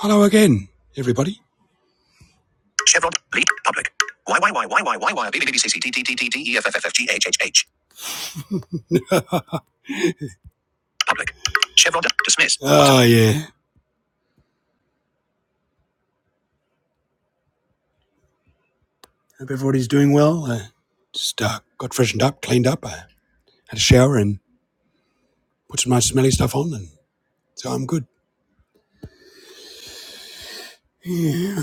Hello again, everybody. Chevron. Leak. Public. YYYYYYBBBCCDDDDEFFFGHHH. Public. Chevron. Dismiss. Oh yeah. Hope everybody's doing well. Uh, just uh, got freshened up, cleaned up, uh, had a shower, and put some nice smelly stuff on, and so I'm good. it's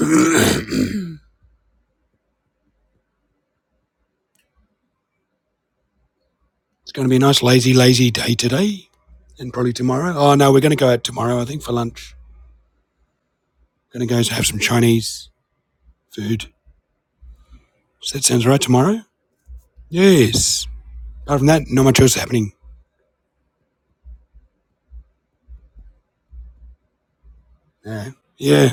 going to be a nice, lazy, lazy day today, and probably tomorrow. Oh no, we're going to go out tomorrow. I think for lunch. Going to go have some Chinese food. So that sounds right tomorrow. Yes. Apart from that, not much else happening. Yeah. Yeah.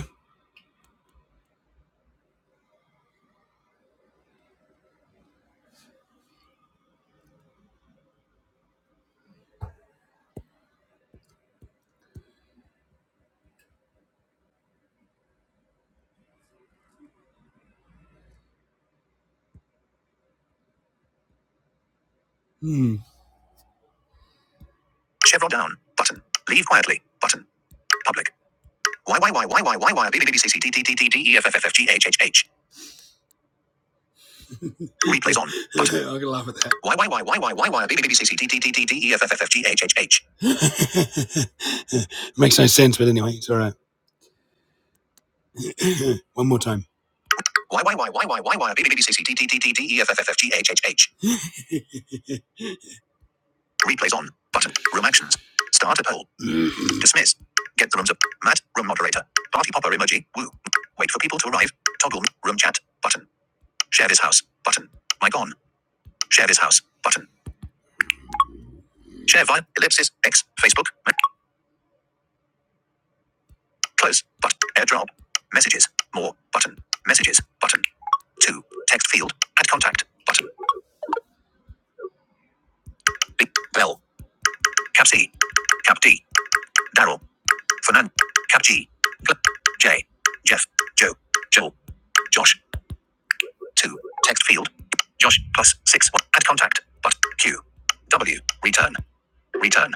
Hmm. Chevron down. Button. Leave quietly. Button. Public. Y Y Y Y Y Y Y B B B B C C D D D D D E F F F F G H H H. Replays on. Button. I Button. can laugh at that. that. Makes no sense, but anyway, it's all right. One more time. Y Y Y Y Y Y Y B B B B C C D D D D D E F F F F G H H H. Replays on. Button. Room actions. Start a poll. Mm-hmm. Dismiss. Get the rooms up. Matt, room moderator. Party popper emoji. Woo. Wait for people to arrive. Toggle room chat. Button. Share this house. Button. Mic on. Share this house. Button. Share via ellipsis. X. Facebook. Me- Close. But. Airdrop. Messages. More. Button. Messages. Button. Two. Text field. Add contact. Button. B. Bell. Cap C. Cap D. Daryl. Fernand. Cap G. Gl- J. Jeff. Joe. Joel. Josh. two text field. Josh plus six add contact but Q W return return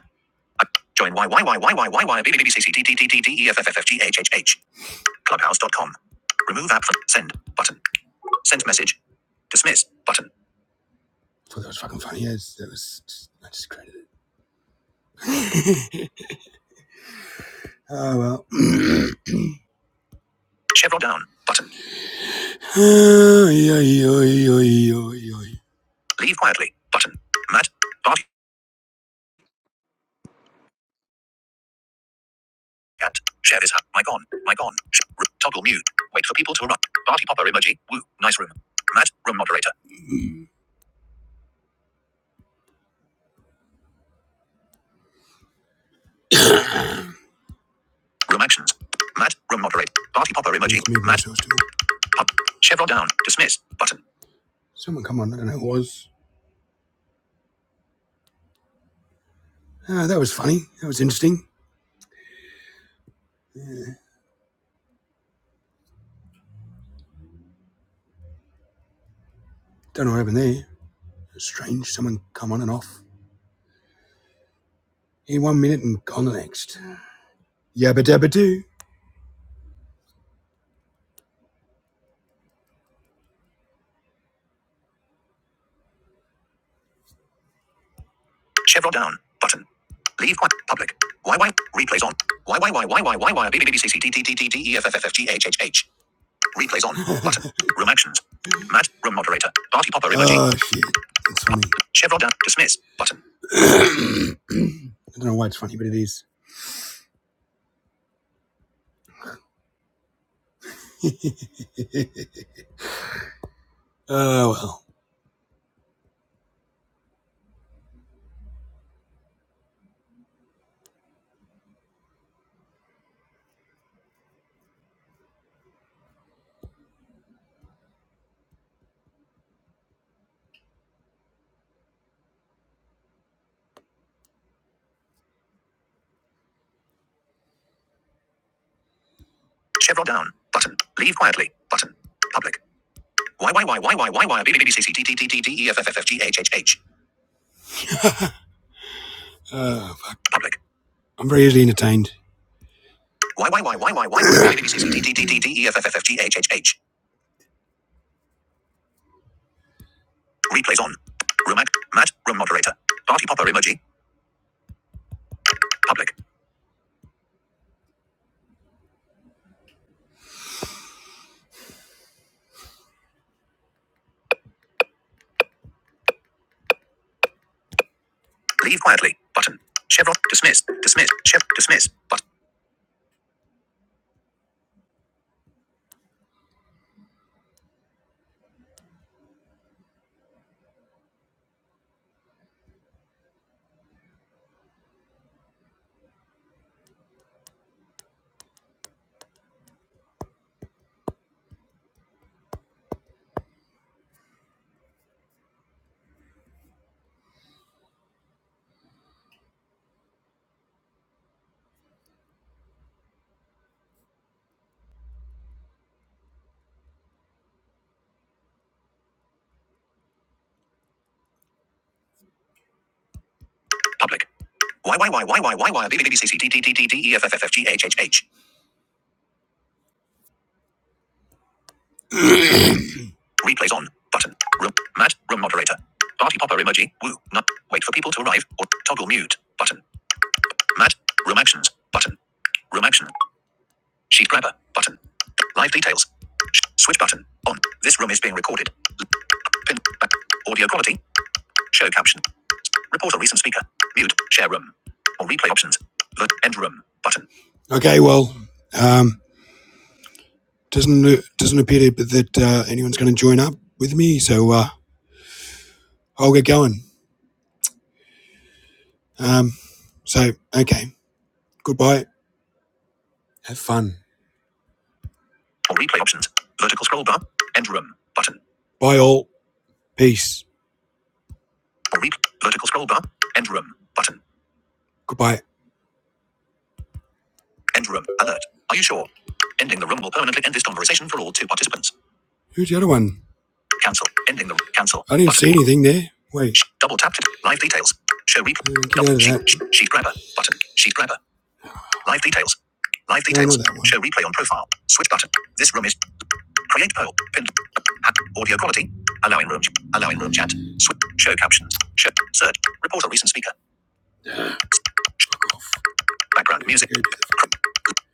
Uh, join Y Y Y Y Y Y Y B B B C C D D D D D E F F F F G H H H. Clubhouse dot com. remove app from send button send message dismiss button. I Thought that was fucking funny. Yeah, that was just, I just created it. oh well. Chevron down button. Leave quietly button. Matt. Bart Cat. Share this. Mic on. Mic on. Sh- r- toggle mute. Wait for people to arrive. Party popper emoji. Woo. Nice room. Matt. Room moderator. Room actions. Matt. Room moderator. Party popper emoji. Matt. Pop. Chevron down. Dismiss. Button. Someone come on. I don't know who it was. Ah, that was funny. That was interesting. Don't know what happened there. Strange. Someone come on and off. In one minute and gone the next. Yabba dabba do. Chevron down. Button. Leave quiet. Public. YY. Replays on. YYYYYYY. BBBBCCDDDDEFFFFGHHH. Replays on. Button. Room actions. Matt. Room moderator. Party popper emoji. Oh shit, it's funny. Chevron down. Dismiss. Button. I don't know why it's funny, but it is. Oh well. Chevron down. Button. Leave quietly. Button. Public. YYYYYYY. BBBBCCDDDDEFFFFGHHH. Oh fuck. Public. I'm very easily entertained. Y Y Y Y Y Y Y A B C D D D D D E F F F F G H H H. Replays on. Room act. Matt. Room moderator. Party popper emoji. Public. Leave quietly. Button. Chevron. Dismiss. Dismiss. Chev. Dismiss. But. Public. Y Y Y Y Y Y Y B B B C C D D D D D E F F F F G H H H. Replays on. Button. Room. Matt. Room moderator. Party popper emoji. Woo. Not. Wait for people to arrive. Or toggle mute. Button. Matt. Room actions. Button. Room action. Sheet grabber. Button. Live details. Switch button. On. This room is being recorded. Pin. Audio quality. Show caption. Report a recent speaker. Mute. Share room. Or replay options. The end room button. Okay, well, um, doesn't doesn't appear to, that uh, anyone's going to join up with me, so uh, I'll get going. Um, so okay, goodbye. Have fun. Or replay options. Vertical scroll bar. End room button. Bye all. Peace. Or re- vertical scroll bar. End room button. Goodbye. End room. Alert. Are you sure? Ending the room will permanently end this conversation for all two participants. Who's the other one? Cancel. Ending the cancel. I didn't Button. see anything there. Wait, Double tap to live details. Show replay. uh, Double out sheet, sheet grabber button. Sheet grabber. Live details. Live No, details. Show replay on profile. Switch button. This room is create poll. Pinned. Audio quality. Allowing room. Allowing room chat. Switch. Show captions. Show search. Report a recent speaker. Yeah, fuck off. Background music.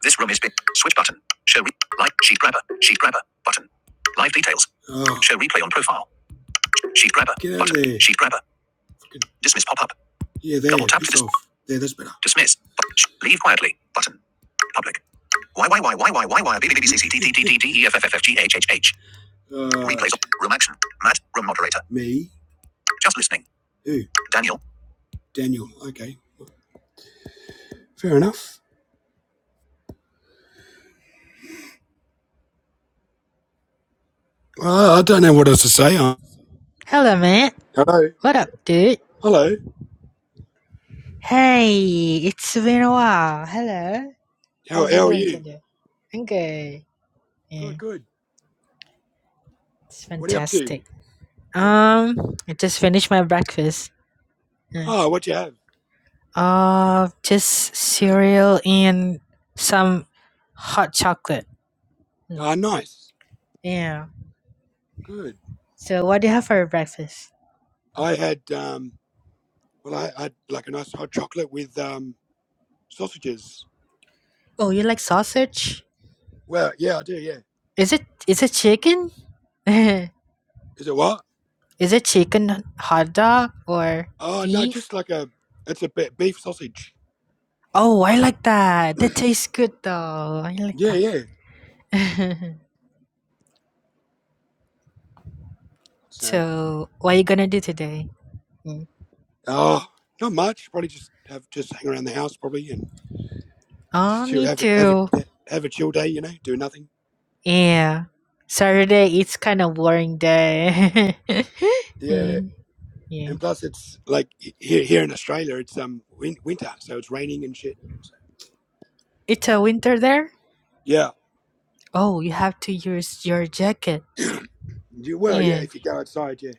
This room is big. Switch button. Show re- like sheet grabber. Sheet grabber button. Live details. Oh. Show replay on profile. Sheet grabber button. Sheet grabber. Fucking- Dismiss pop up. Yeah, there. Double tap to dismiss. off. There, that's better. Dismiss. Bu- sh- Leave quietly button. Public. Y Y Y Y Y Y Y B B B B C C D D D D D E F F F F G H H H. Uh, Replays. Room action. Matt. Room moderator. Me. Just listening. Who? Daniel. Daniel. Okay. Fair enough. Uh, I don't know what else to say. Uh, Hello, man. Hello. What up, dude? hello. Hey, it's been a while. Hello. How, How's it how are going you? today? I'm good. Yeah, Good, good. it's What are you up to? fantastic. Yeah. Um, I just finished my breakfast. Yeah. Oh, what do you have? Uh, just cereal and some hot chocolate. Mm. Ah, nice. Yeah. Good. So, what do you have for your breakfast? I had um, well, I I had like a nice hot chocolate with um sausages. Oh, you like sausage? Well, yeah, I do. Yeah. Is it is it chicken? is Is it what? it chicken hot dog or Oh no, beef? just like a it's a be- beef sausage. Oh, I like that. That tastes good though. I like Yeah, that. yeah. So, so, what you gonna do today? Mm. oh, not much. Probably just have just hang around the house probably and Oh, just chill, me have a have too. a have a chill day. You know, do nothing. Yeah. Saturday, it's kind of boring day. Yeah. Mm, And yeah. plus, it's like he- here here in Australia, it's um win- winter, so it's raining and shit. It's a winter there? Yeah. Oh, you have to use your jacket. You, well, yeah, Yeah. if you go outside, yeah.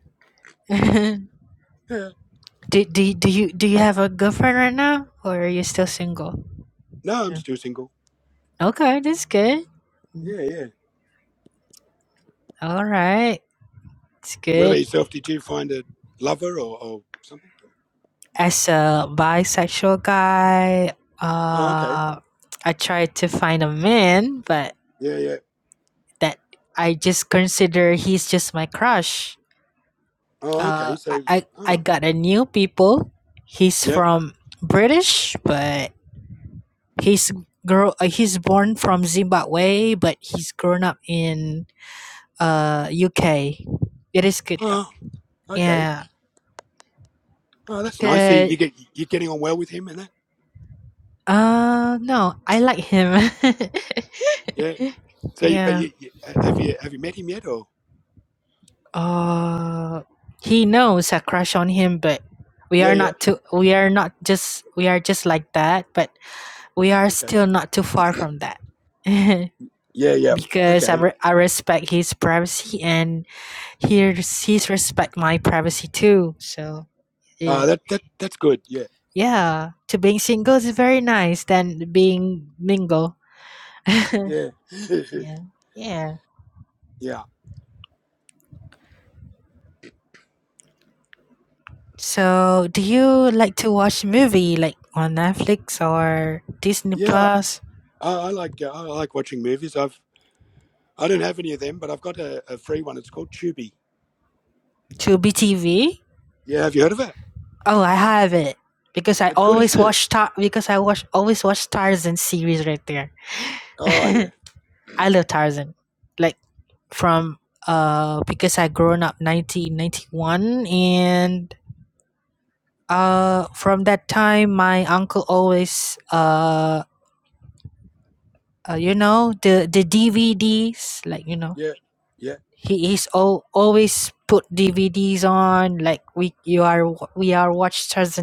do, Yeah. do, do you do you have a girlfriend right now or are you still single? No, I'm Yeah. still single. Okay, that's good. Mm. Yeah, yeah. All right. It's What good. about yourself? Did you find a lover or, or something? as a bisexual guy, Oh, okay. uh, I tried to find a man, but Yeah, yeah. that I just consider he's just my crush. Oh, Uh, okay. I, So, I I oh, got a new people. He's yep. from British, but he's grow. Uh, he's born from Zimbabwe, but he's grown up in uh UK. It is good though. Oh, okay. Yeah, Oh, that's nice. So because you get you're getting on well with him and that. uh no, I like him. Yeah. So, you- yeah. but you, you have you have you met him yet? Or Uh, he knows a crush on him, but we yeah, are yeah. not too. We are not just. We are just like that, but we are Okay. still not too far from that. Yeah, yeah. because I, Okay. re- I respect his privacy and he res- he's respect my privacy too. So eh, Uh, that that that's good. Yeah, yeah, to being single is very nice than being mingle. yeah, Yeah, yeah. yeah, So do you like to watch movie like on Netflix or Disney yeah. Plus? I, I like uh, I like watching movies. I've I don't have any of them, but I've got a, a free one. It's called Tubi. To BTV? Yeah, have you heard of it? Oh, I have it because I It's good, always isn't it? watch Tar- because I watch always watch Tarzan series right there. Oh yeah, I love Tarzan, like from uh because I grown up nineteen ninety one and uh from that time my uncle always uh, uh you know the the DVDs like you know yeah, yeah. he he's all, always put DVDs on like we you are we are watch Tarzan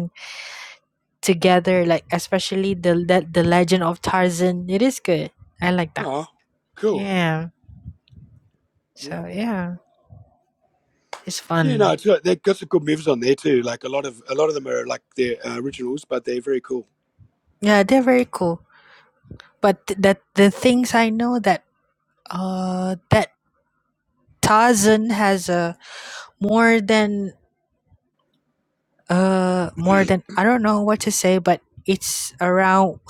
together, like especially the le- the Legend of Tarzan. It is good. I like that. Oh, cool. Yeah. Yeah, So yeah, it's yeah. No, fun. it's, uh, they've got some good movies on there too. Like a lot of a lot of them are like their uh, originals, but they're very cool. Yeah, they're very cool. But th- that the things I know that uh that Tarzan has a more than uh more than I don't know what to say, but it's around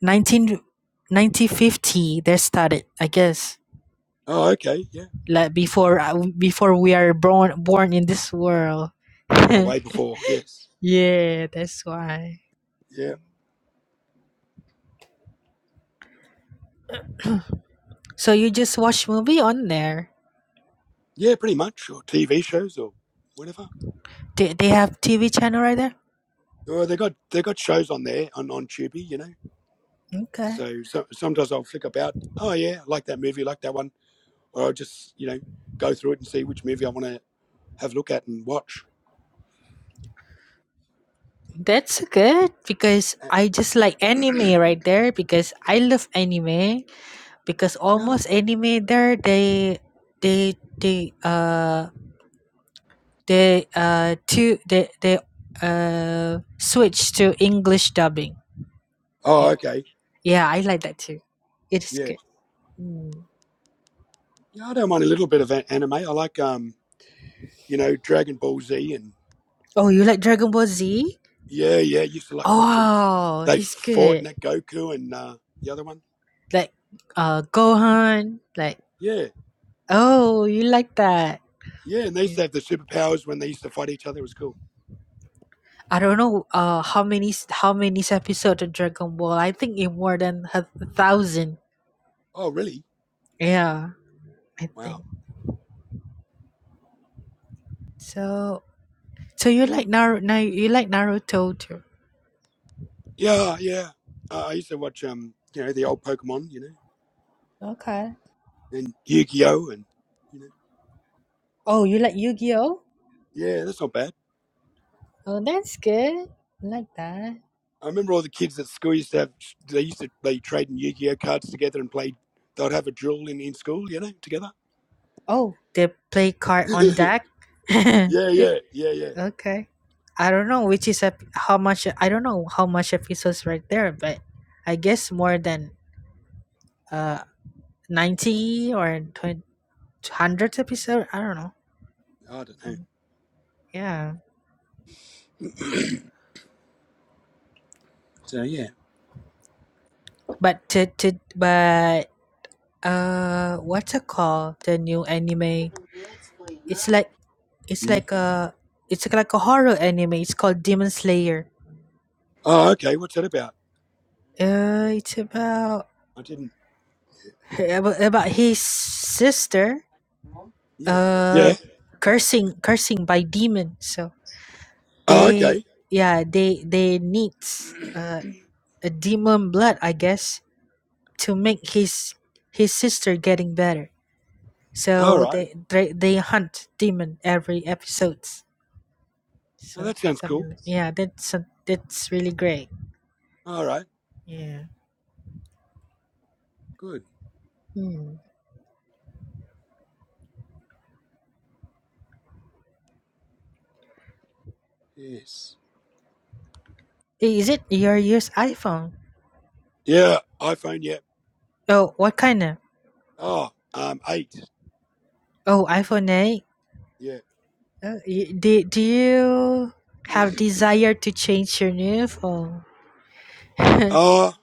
19, nineteen fifty they started, I guess. Oh, okay. Yeah. Like before uh, before we are born born in this world. Oh, way before. Yes. Yeah, that's why. Yeah. So you just watch movie on there. Yeah, pretty much, or TV shows or whatever. They, they have TV channel right there. Or they got they got shows on there on on Tubi, you know. Okay. So, so sometimes I'll flick about. Oh yeah, I like that movie, I like that one, or I'll just you know go through it and see which movie I want to have a look at and watch. That's good because Uh, I just like anime right there because I love anime because Yeah. almost anime there they they they uh they uh to they they uh switch to English dubbing. Oh, Yeah. okay. Yeah, I like that too. It is Yeah. good. Mm. Yeah, I don't mind a little bit of a- anime. I like, um, you know, Dragon Ball Z and Oh, you like Dragon Ball Z? yeah, yeah. Used to like watching them. f- Oh, They this is fought in good. that Goku and uh, the other one. like uh Gohan, like Yeah, oh you like that. yeah. And they used Yeah. to have the superpowers when they used to fight each other. It was cool. I don't know uh how many s- how many s- episode of Dragon Ball. I think it more than a thousand. Oh, really? Yeah, I Wow. think so. So you like Naruto? Now you like Naruto too? Yeah, yeah. Uh, I used to watch, um, you know, the old Pokemon, you know, Okay. and Yu Gi Oh, and you know, Oh, you like Yu Gi Oh? yeah, that's not bad. Oh, that's good. I like that. I remember all the kids at school used to have. They used to they trade in Yu-Gi-Oh cards together and play. They'd have a duel in, in school, you know, together. Oh, they play card on yeah, deck. yeah, yeah, yeah. Okay. I don't know which is a p- how much I don't know how much episodes right there, but I guess more than uh 90 or 20, hundreds episode. I don't know. I don't know. Mm, Yeah. So yeah. But to to but uh what's it called the new anime? It's like it's Mm. like a it's like a horror anime. It's called Demon Slayer. Oh, okay. What's that about? Uh it's about I didn't. about, about his sister Yeah. uh Yeah. cursing cursing by demon. So Oh, they okay. yeah they they needs uh, a demon blood i guess to make his his sister getting better All so right. they they, they hunt demon every episodes Oh, so that sounds something cool. like, yeah that's some- that's really great All right. yeah Good. hmm. Yes. Eh, is it your use iphone Yeah. iPhone. Yeah. oh what kind of Oh, um, eight. oh iphone 8 Yeah. oh, y- do, do you have desire to change your new phone oh,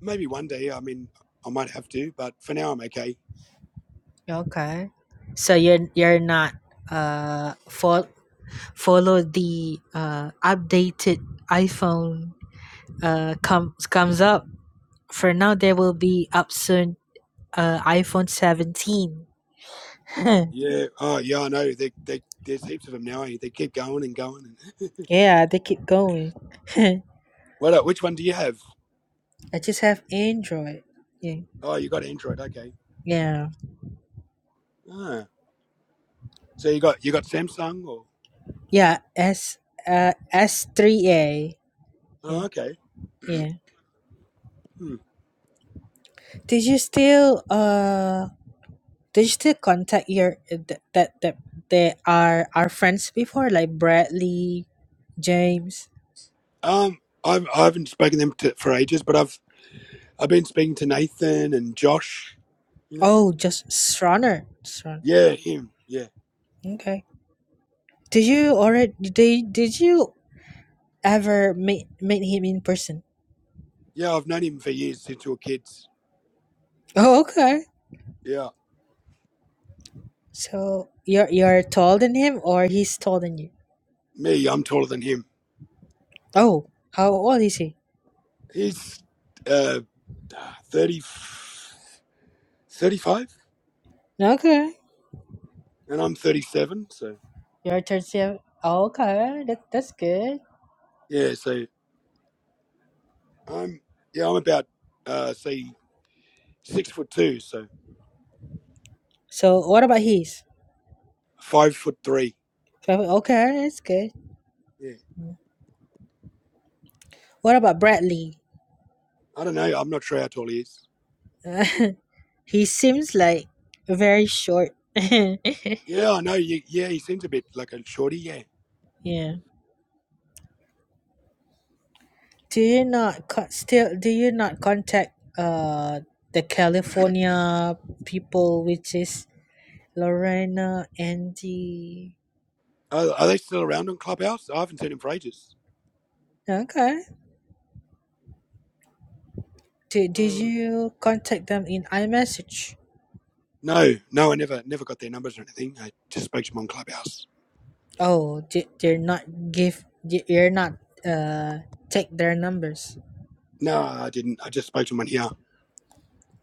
maybe one day. I mean, I might have to, but for now, I'm okay. Okay. So you're you're not uh fo- follow the uh updated iPhone uh comes comes up. For now there will be up soon uh iPhone 17. Yeah. Oh, yeah. I know. They, they, there's heaps of them now. Eh? They keep going and going. And yeah, they keep going. I what? el- Which one do you have? just have Android. Yeah. Oh, you got Android. Okay. Yeah. Ah. So you got you got Samsung or? Yeah, S uh S3A. Yeah. Oh, okay. Yeah. Hmm. Did you still uh digital contact here that that that they are our friends before like Bradley, James. Um, I've I haven't spoken to them to, for ages, but I've I've been speaking to Nathan and Josh. You know. Oh, just Sronner. Sron. Yeah, him. Yeah, Okay. Did you already did, did you ever meet meet him in person? yeah. I've known him for years since we were kids. Oh, okay. Yeah. So you're you're taller than him or he's taller than you? Me, I'm taller than him. Oh, how old is he? He's uh ah, 30, 35, Okay. and I'm 37. So You're 37. Okay, that, that's good. yeah. So I'm yeah, I'm about uh say six foot two, so So what about his? five foot three. Okay, that's good. Yeah. What about Bradley? I don't know. I'm not sure how tall he is. He seems like very short. yeah. Yeah, I know. You, yeah, he seems a bit like a shorty. Yeah. Do you not co- still do you not contact uh the California people which is Lorena, Andy? Are, are they still around on Clubhouse? I haven't seen him for ages. Okay. Did, did Um, you contact them in iMessage? no, no, I never, never got their numbers or anything. I just spoke to him on Clubhouse. Oh, did they're not give di- you're not uh take their numbers. No, I didn't. I just spoke to him on here.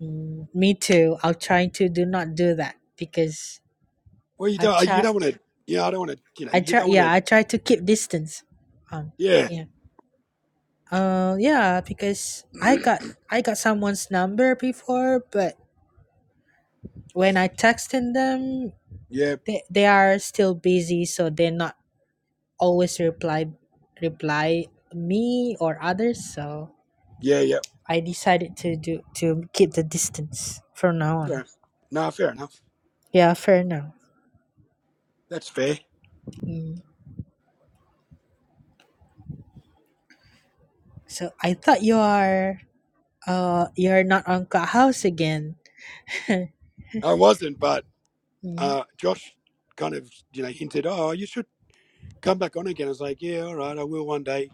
Mm, me too. I'll try to do not do that because Well, you I don't, uh, you try don't want to. Yeah, I don't want to. You know, I you try. don't want Yeah, to. I try to keep distance. Um, Yeah, yeah. Uh, yeah, because I got I got someone's number before, but when I texted them, yeah, they they are still busy, so they not always reply reply me or others. So yeah, yeah. I decided to do to keep the distance from now on. Fair. No, fair enough. Yeah, fair now. That's fair. Mm. So I thought you are uh you're not on Clubhouse again. I wasn't, but Mm. uh, Josh kind of, you know, hinted, oh, you should come back on again. I was like, yeah, all right, I will one day.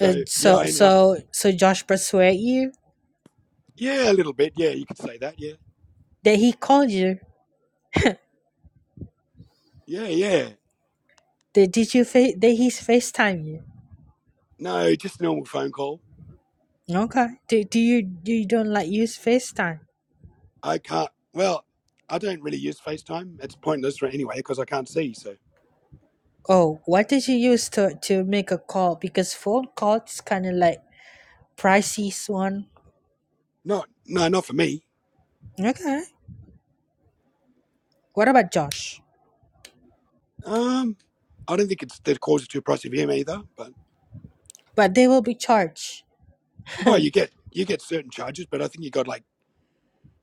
Uh, yeah, so I ended up, so so Josh persuade you yeah, a little bit. Yeah, you could say that. Yeah. that he called you. Yeah, yeah. Did, did you fa- that he's FaceTime you? No, just a normal phone call. Okay. Do, do you do you don't like use FaceTime? I can't, well, I don't really use FaceTime. It's pointless right anyway because I can't see. So, Oh, what did you use to to make a call? Because phone call is kind of like pricey one. no, no, not for me. Okay. What about Josh? Um, I don't think it's the cause is too pricey for him either. But, But they will be charged. oh, you get, you get certain charges, but I think you got like,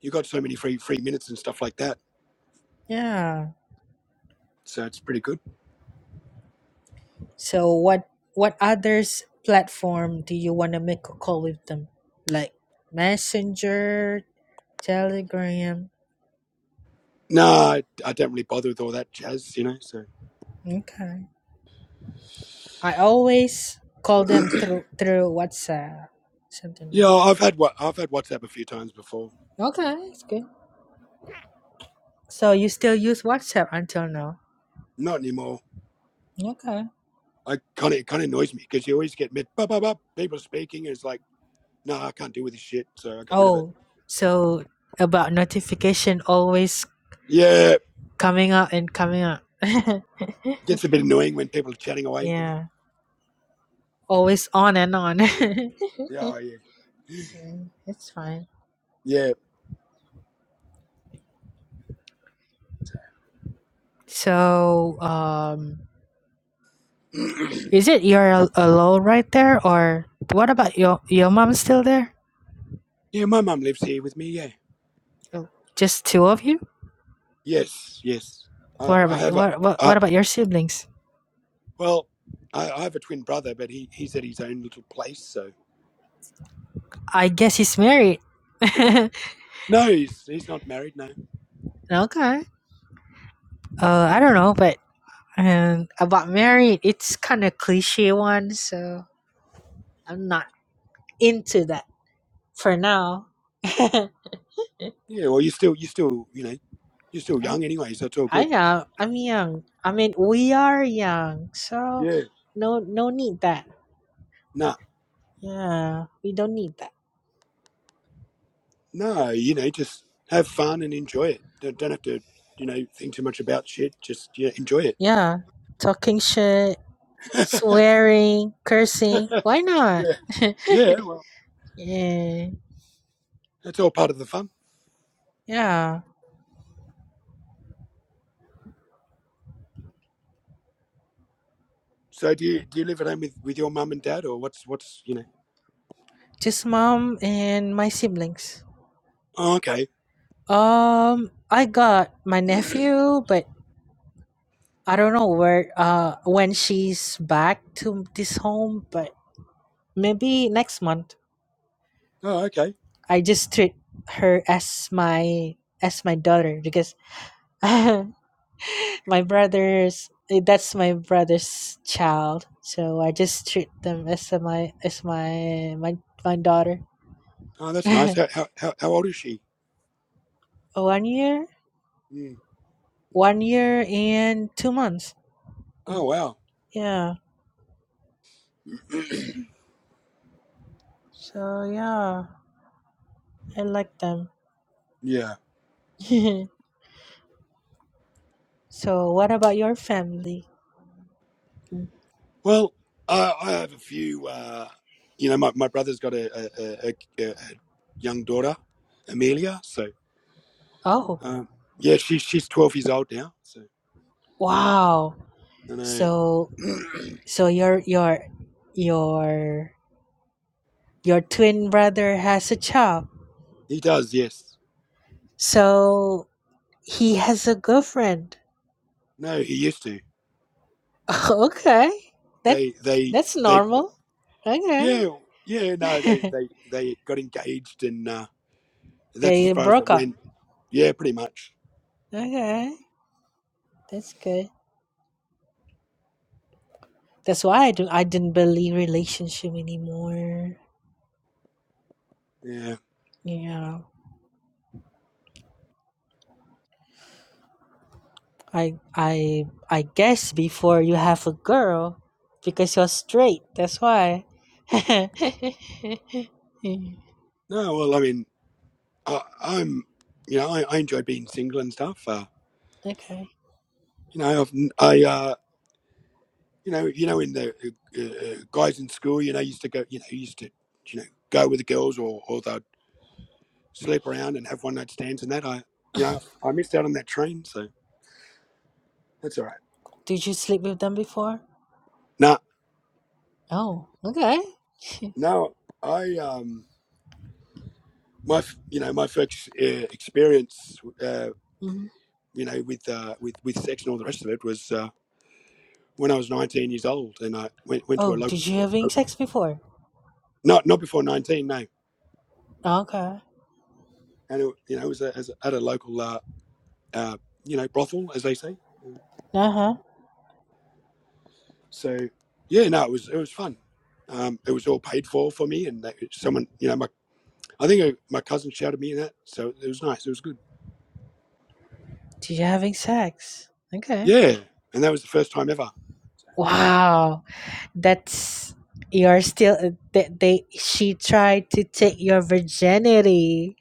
you got so many free, free minutes and stuff like that. Yeah. So it's pretty good. So what what others platform do you want to make a call with them? Like Messenger, Telegram. No, I, I don't really bother with all that jazz, you know. So Okay. I always call them through through WhatsApp, something yeah, like that. I've had what I've had WhatsApp a few times before. Okay, it's good. So you still use WhatsApp until now? Not anymore. Okay. I kind of it kind of annoys me because you always get mid bop, bop, bop, people speaking. And it's like, no, I can't deal with this shit, so I got rid of it. Oh, so about notification always Yeah, it coming up and coming up. gets a bit annoying when people are chatting away, you know. yeah, always on and on. Yeah, oh, yeah, Mm, it's fine. So, um, yeah, is it you're al- alone right there, or what about your your mom still there? yeah. My mum lives here with me. Yeah, Oh, Just two of you? yes, yes. I, What I about have a what what, I, what about your siblings? well, I, I have a twin brother, but he he's at his own little place. So I guess he's married. okay. no, he's he's not married. No. Uh, I No. don't know, but um, about married, it's kind of cliche one, so I'm not into that for now. I'm, Yeah, well, you still, you still, you know, you're still young anyway, so it's all I good. am. I'm young. I mean, we are young, so Yeah. no, no need that. Nah, Yeah, we don't need that. no, you know, just have fun and enjoy it. Don't, don't have to, you know, think too much about shit. Just yeah, enjoy it. Yeah, talking shit, swearing, cursing. Why not? yeah, yeah. Well, yeah, that's all part of the fun. yeah. So, do you do you live at home with, with your mum and dad, or what's what's you know? Just mom and my siblings. Oh, okay. Um, I got my oh, nephew, but I don't know where uh when she's back to this home, but maybe next month. okay. I just treat her as my as my daughter because my brother's eh, that's my brother's child. So I just treat them as a- my as my my my daughter. Oh, that's nice. How how how, how old is she? one year, Mm. one year and two months. Mm, Oh, wow. Yeah. So yeah, I like them. Yeah. so what about your family? Well, uh, I have a few. Uh, you know, my, my brother's got a, a, a, a, young daughter, Amelia. So, Oh, uh, yeah, she, she's 12 years old now. So, wow. I So know. so your your your your twin brother has a job. he does, yes. So he has a girlfriend. No, he used to. okay. That They, they, that's they, normal. Okay. yeah, yeah, no, they, they, they got engaged and uh, that's as they far as it broke up. went. Yeah, pretty much. Okay. That's good. That's why I do I didn't believe relationship anymore. Yeah. You know. I I I guess before you have a girl because you're straight. That's why. okay. No, well, I mean, I, I'm, you know, I, I enjoy being single and stuff. Uh, you know, I've, I, uh, you know, you know, in the uh, uh, guys in school, you know, used to go, you know, used to, you know, go with the girls or, or they'd sleep around and have one night stands and that. I, you know, I missed out on that train, so that's all right. Did you sleep with them before? No, Oh, okay. no, I, um, my, f- you know, my first uh, experience, uh, Mhm. you know, with, uh, with, with sex and all the rest of it was, uh, when I was 19 years old and I went, went to a Oh, local, did you uh, uh, having sex before? not, not before 19, no. Okay. And, it, you know, it was a, as, at a local, uh, uh, you know, brothel, as they say Uh huh. So yeah, no, it was it was fun. Um, it was all paid for for me, and that, someone you know, my I think uh my cousin shouted me in that, so it was nice. It was good. Did you having sex? Okay. Yeah, and that was the first time ever. Wow, that's you're still uh, they, they she tried to take your virginity.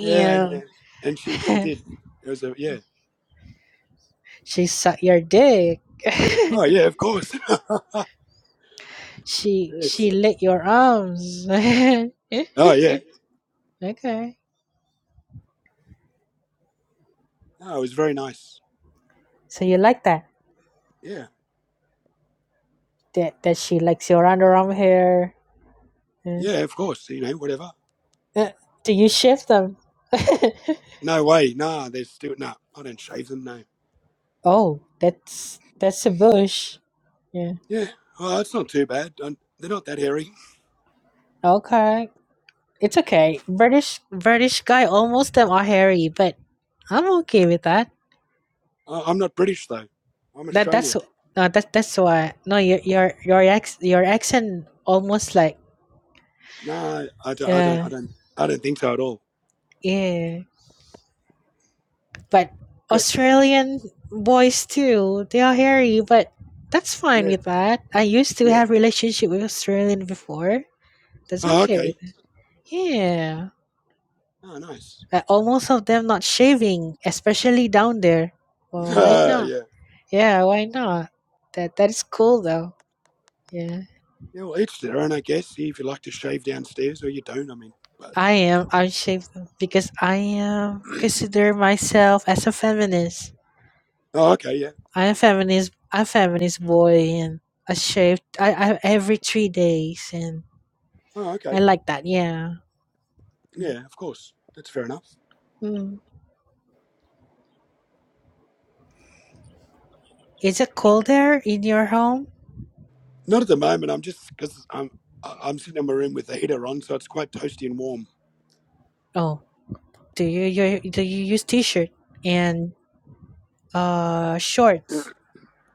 Yeah, and, uh, and she she did. It was a yeah. She sucked your dick. Oh yeah, of course. she yes. she lit your arms. Oh yeah. okay. No, it was very nice. So you like that? Yeah, That that she likes your underarm hair. Eh. yeah, of course. You know, whatever. Eh, Do you shave them? No way. Nah, they're still no. I don't shave them. No. oh, that's that's a bush. Yeah. Yeah. Well, it's not too bad. i they're not that hairy. Okay. It's okay. British British guy almost them are hairy, but I'm okay with that. I, I'm not British though. I'm That that's Australian. uh, that that's why no your your your ex your accent almost like No, I don't, I don't, uh I don't, I don't think so at all. yeah But Good. Australian boys too, they are hairy, but that's fine Yeah, with that. I used to yeah. have relationship with Australian before. That's Oh, okay with okay. it. Yeah. Oh, nice. Uh, almost of them not shaving, especially down there. Well, why Uh, not? yeah. Yeah, why not? That that is cool though. Yeah. Yeah, well, it's their own, I guess. If you like to shave downstairs or you don't, I mean. But, I am unshaved because I am consider myself as a feminist. oh, okay, yeah. I'm feminist. I'm feminist boy, and I shave. I, I every three days, and Oh, I okay. like that. Yeah. Yeah, of course. That's fair enough. Mm. Is it cold there in your home? Not at the moment. I'm just, because I'm, I- I'm sitting in my room with the heater on, so it's quite toasty and warm. Oh, do you, you do you use t-shirt and uh shorts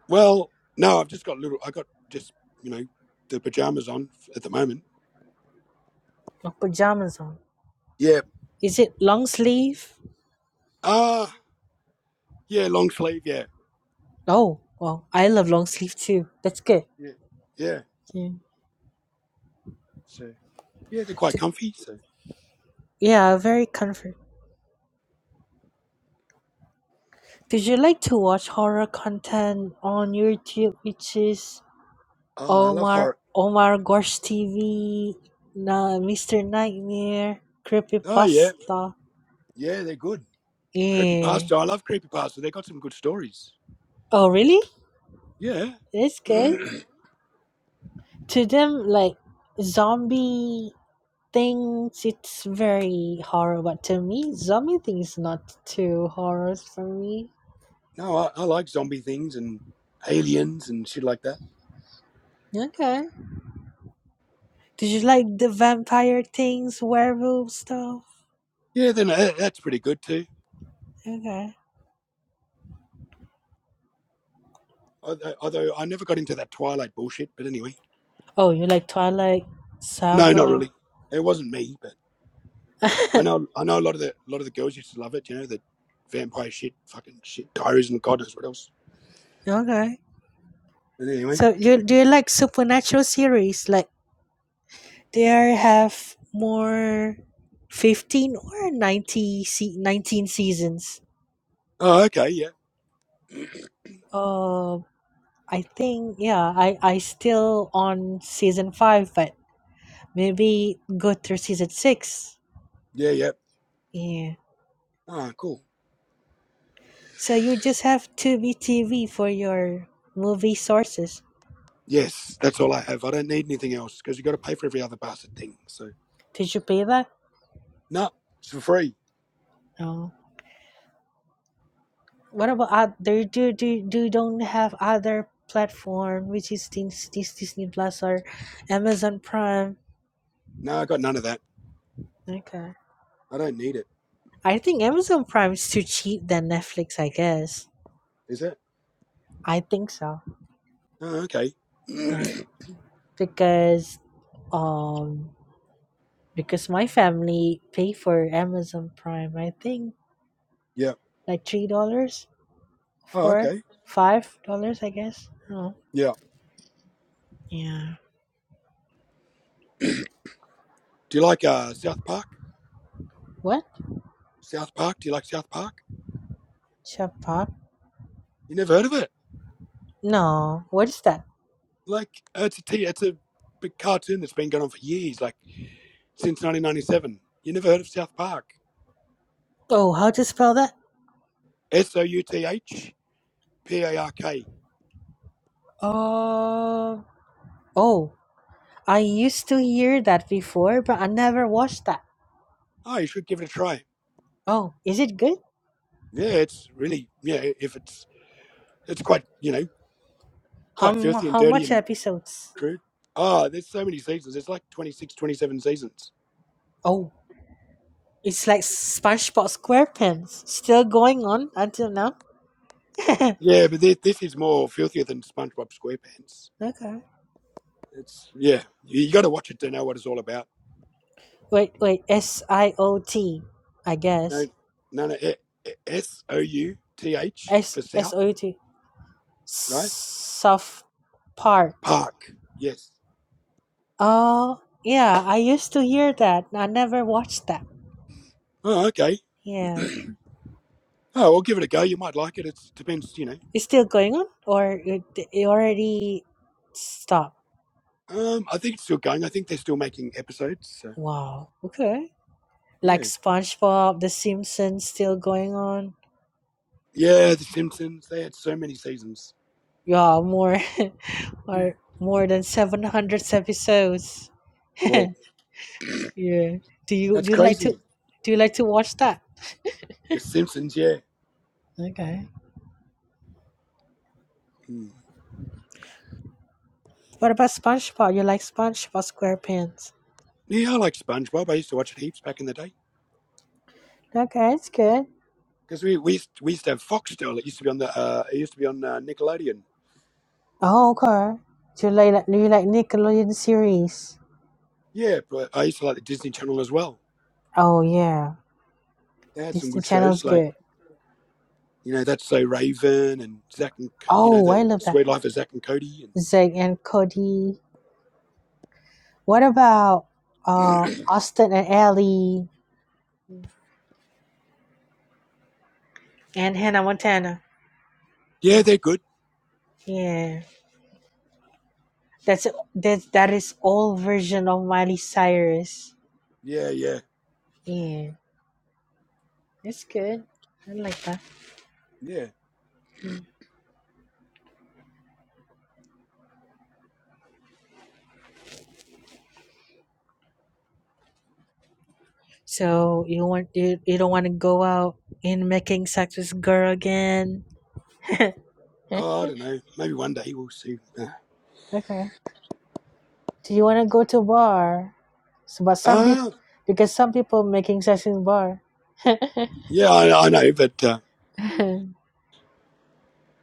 Well, no, I've just got little, I got just, you know, the pajamas on f- at the moment. or pajamas on? Yeah. Is it long sleeve? Ah, yeah, long sleeve, yeah. Oh, well, I love long sleeve too. That's good. Yeah. Yeah. Yeah. So yeah, they're quite Th- comfy. So Yeah, very comfort. Did you like to watch horror content on YouTube, which is oh, I love Omar, horror. Omar Gosh TV, na Mr. Nightmare, Oh yeah, Creepypasta. yeah, they're good. Creepy Yeah. pasta. I love creepy pasta. They got some good stories. Oh, really? Yeah. That's good. no, To them, like zombie things, it's very horror. But to me, zombie things not too horrors for me. I, I like zombie things and aliens and shit like that. Okay. Did you like the vampire things, werewolf stuff? Yeah, then uh, that's pretty good too. Okay. Although, although I never got into that Twilight bullshit, but anyway, Oh, you like Twilight no, not Saga? really. It wasn't me, but I know I know a lot of the a lot of the girls used to love it. You know, the vampire shit, fucking shit, diaries and God knows what else. okay. But anyway, So you do you like supernatural series? Like there have more fifteen or 90 se- 19 seasons. oh okay, yeah, Uh, I think yeah, I I still on season five, but maybe go through season six. yeah, yeah. Yeah. Ah, cool. So you just have Tubi TV for your movie sources. Yes, that's all I have. I don't need anything else because you got to pay for every other bastard thing. So, Did you pay that? no, it's for free. No. what about other do do do they don't have other platform which is this, this Disney Plus or Amazon Prime? No, I got none of that. Okay. I don't need it. I think Amazon Prime is too cheap than Netflix, I guess. Is it? I think so. Oh, okay. Yeah. Because um because my family pay for Amazon Prime, I think yeah. like three dollars, Oh, four, okay. five dollars I guess. Oh. Yeah. Yeah. Do you like uh, South Park? What? South Park? Do you like South Park? Shop pop? You never heard of it? No. What is that? Like, uh, it's a t- it's a big cartoon that's been going on for years, like since 1997. You never heard of South Park? Oh, how to spell that? S O U T H P A R K. Uh, oh, I used to hear that before, but I never watched that. Oh, you should give it a try. Oh, is it good? Yeah, it's really yeah. If it's it's quite you know How, quite mu- filthy and how dirty much and episodes? crude. Oh, there's so many seasons. There's like 26, 27 seasons. Oh, it's like SpongeBob SquarePants, still going on until now? okay. Yeah, but this, this is more filthier than SpongeBob SquarePants. It's yeah, you, you got to watch it to know what it's all about. Wait, wait, S I O T, I No, guess. no, no. eh, eh, S O U T H is S for S South, O U T. right? South Park. Park. Yes. Oh, yeah, I used to hear that. I never watched that. Oh, okay. Yeah. Oh, well, give it a go. You might like it. It depends, you know. It's still going on, or it, it already stopped? Um, I think it's still going. I think they're still making episodes. So Wow. Okay. Like yeah, SpongeBob, The Simpsons, still going on. yeah. The Simpsons. They had so many seasons. Yeah, more, or Hmm. more than seven hundred episodes. Whoa, yeah. Do you that's do you like crazy. to do you like to watch that? The Simpsons, yeah. Okay. Mm. What about SpongeBob? You like SpongeBob SquarePants? Yeah, I like SpongeBob. I used to watch it heaps back in the day Okay, it's good. because we we used, we used to have Foxtel. It used to be on the uh, it used to be on uh, Nickelodeon. Oh, okay. Do you like do you like Nickelodeon series? Yeah, but I used to like the Disney Channel as well. Oh yeah, They had some Disney good Channel's shows like good. you know That's So Raven and Zack and you know Oh, the I love that. Sweet Life of Zack and Cody Zig and Cody. What about uh, and Austin and Ellie and Hannah Montana? yeah, Hmm, they're good. Yeah, that's that. That is all version of Miley Cyrus. Yeah, yeah, Yeah, that's good. I like that. yeah. Hmm. So you want you, you don't want to go out in making sex with girl again. okay. Oh, I don't know. Maybe one day we'll see. Uh, Do you want to go to bar? So, but some people uh, because some people making sex in bar. yeah, I, I know, but uh, Damn.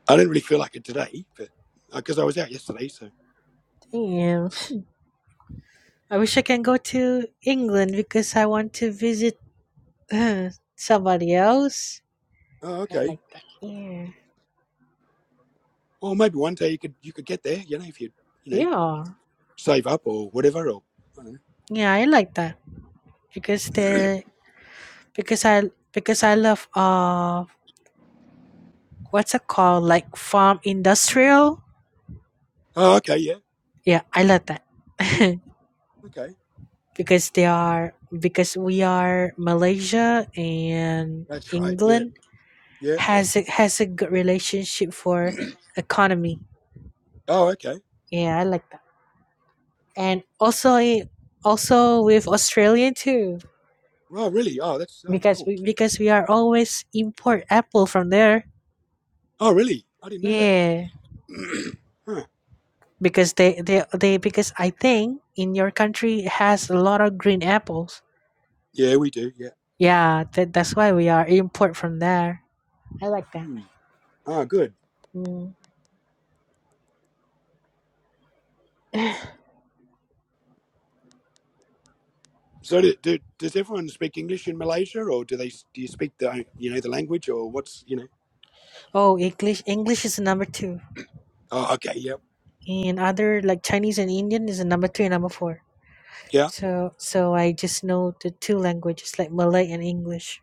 I didn't really feel like it today, but because uh, I was out yesterday, so. I wish I can go to England because I want to visit uh, somebody else. Oh, I okay. like that. Yeah. Or maybe one day you could you could get there, you know, if you you know Yeah. save up or whatever. Or I don't know. Yeah, I like that because the because I because I love uh what's it called like farm industrial. oh, okay, yeah, Yeah, I like that okay, because they are because we are Malaysia and that's right, yeah, England yeah. has a, has a good relationship for economy. Oh, okay. Yeah, I like that. and also i- also with Australia too Oh, really? Oh, that's oh because cool. we, because we are always import apple from there Oh, really? I didn't know yeah that. huh. because they, they they because I think in your country has a lot of green apples Yeah, we do. Yeah. yeah that, that's why we are import from there I like that Mm. Oh, good. mm. So, do, do, does everyone speak English in Malaysia, or do they do you speak the you know the language, or what's you know? oh English English is number two Oh, okay, yeah, and other like Chinese and Indian is number three and number four yeah. so so I just know the two languages like Malay and English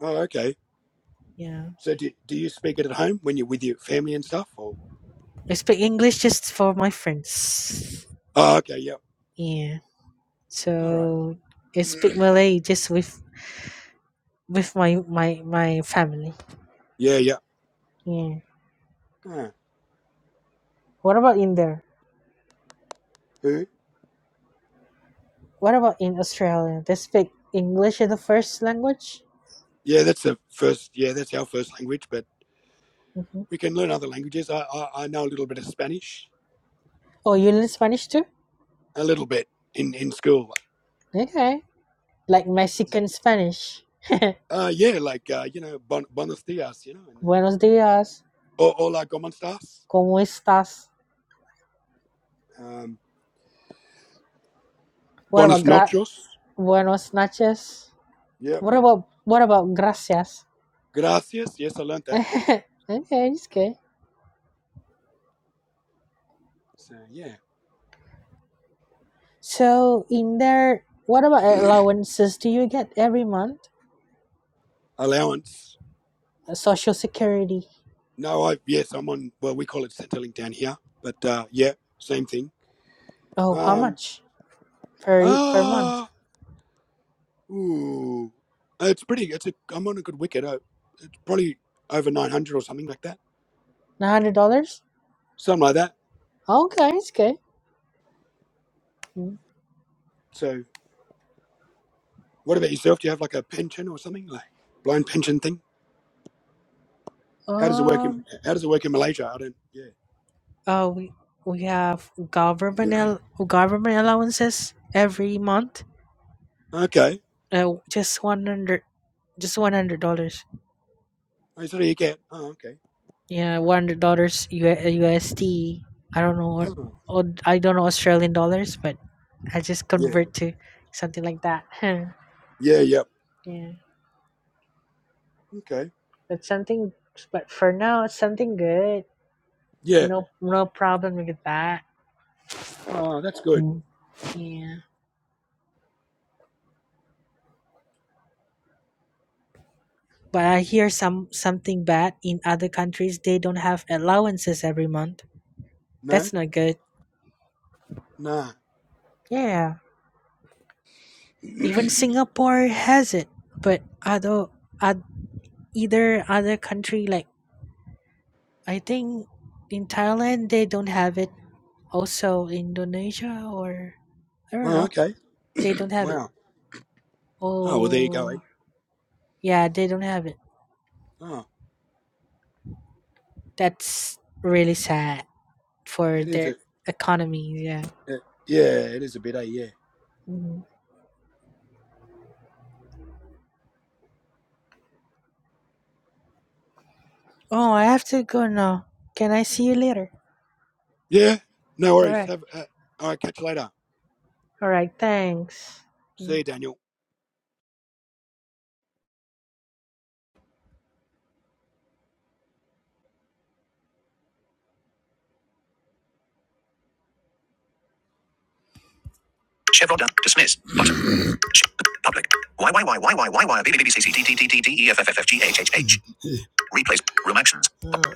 Oh, okay. yeah So, do, do you speak it at home when you're with your family and stuff, or? I speak English just for my friends. Oh, okay, yeah. Yeah. All right. So I speak Malay just with with my my my family. yeah, yeah. Yeah. Ah. What about in there? Who? What about in Australia? They speak English as the first language. Yeah, that's the first. Yeah, that's our first language, but hmm we can learn other languages. I, I, I know a little bit of Spanish, Oh, you learn Spanish too? a little bit in in school. Okay. Like Mexican Spanish. Uh, yeah, like uh, you know, bon, buenos dias, you know, and uh, Buenos dias. o- hola, cómo estás? ¿Cómo estás? Um, What about buenos gra- noches. Buenos noches? Yep. What about what about gracias? Gracias. Yes, I learned that. okay, it's good. So yeah, So, in there, what about allowances do you get every month? allowance. Uh, Social security. No, I yes, I'm on. Well, we call it settling down here, but uh, yeah, same thing. Oh, how Um. much per per Ah. month? Ooh, it's pretty. It's a. I'm on a good wicket. I, it's probably over 900 or something like that. Nine hundred dollars. Something like that. Oh, Okay, it's okay. Mm. So, what about yourself? Do you have like a pension or something, like blind pension thing? How does it work in Um. How does it work in Malaysia? I don't. Yeah. Oh, we we have government al- government allowances every month. Okay. Uh, just one hundred. Just one hundred dollars. Oh, so you get. Oh, okay. Yeah, one hundred dollars USD. I don't know. what- Oh, oh, I don't know Australian dollars, but I just yeah. convert to something like that. Yeah. Yep. Yeah, Okay. but something. But for now, it's something good. Yeah. No, no problem with that. Oh, that's good. Mm. Yeah. But I hear some something bad in other countries. They don't have allowances every month. No. That's not good. Nah. Yeah. Even Singapore has it, but other, oth- either other country like I think in Thailand they don't have it. Also Indonesia or I don't Oh, know. okay. They don't have it. Wow. Oh, well, there you go. Eh? Oh yeah, they don't have it. Oh, That's really sad for it is their a. economy. Yeah. it- yeah, it is a bit. Eh? Yeah. Mhm. Oh, I have to go now. Can I see you later? Yeah. No All worries. right. Have. Uh, all right. Catch you later. All right. Thanks. Say, Daniel. Chevron done. Dismiss. Button. Sh- Public. Y Y Y Y Y Y Y B B B B C C T T T T T E F F F F G H H H. Replace. Room actions.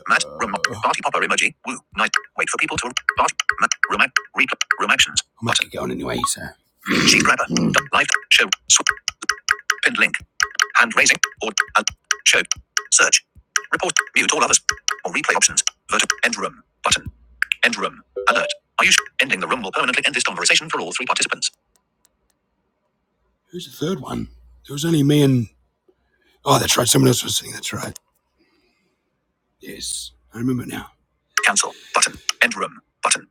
Matt. Room. Party popper emoji. Woo. Night. Wait for people to. Bart. Matt. Room. ac- Replay. Room actions. I might get on anyway, sir. Sheet grabber. Live. Show. Swap. Pinned link. Hand raising. Or. Uh, show. Search. Report. Mute all others. Or replay options. Vertical. End room. Button. End room. Alert. Are you sh- ending the room will permanently end this conversation for all three participants? Who's the third one? There was only me and. Oh, that's right. Someone else was sitting. That's right. Yes. I remember now. Cancel button. End room button.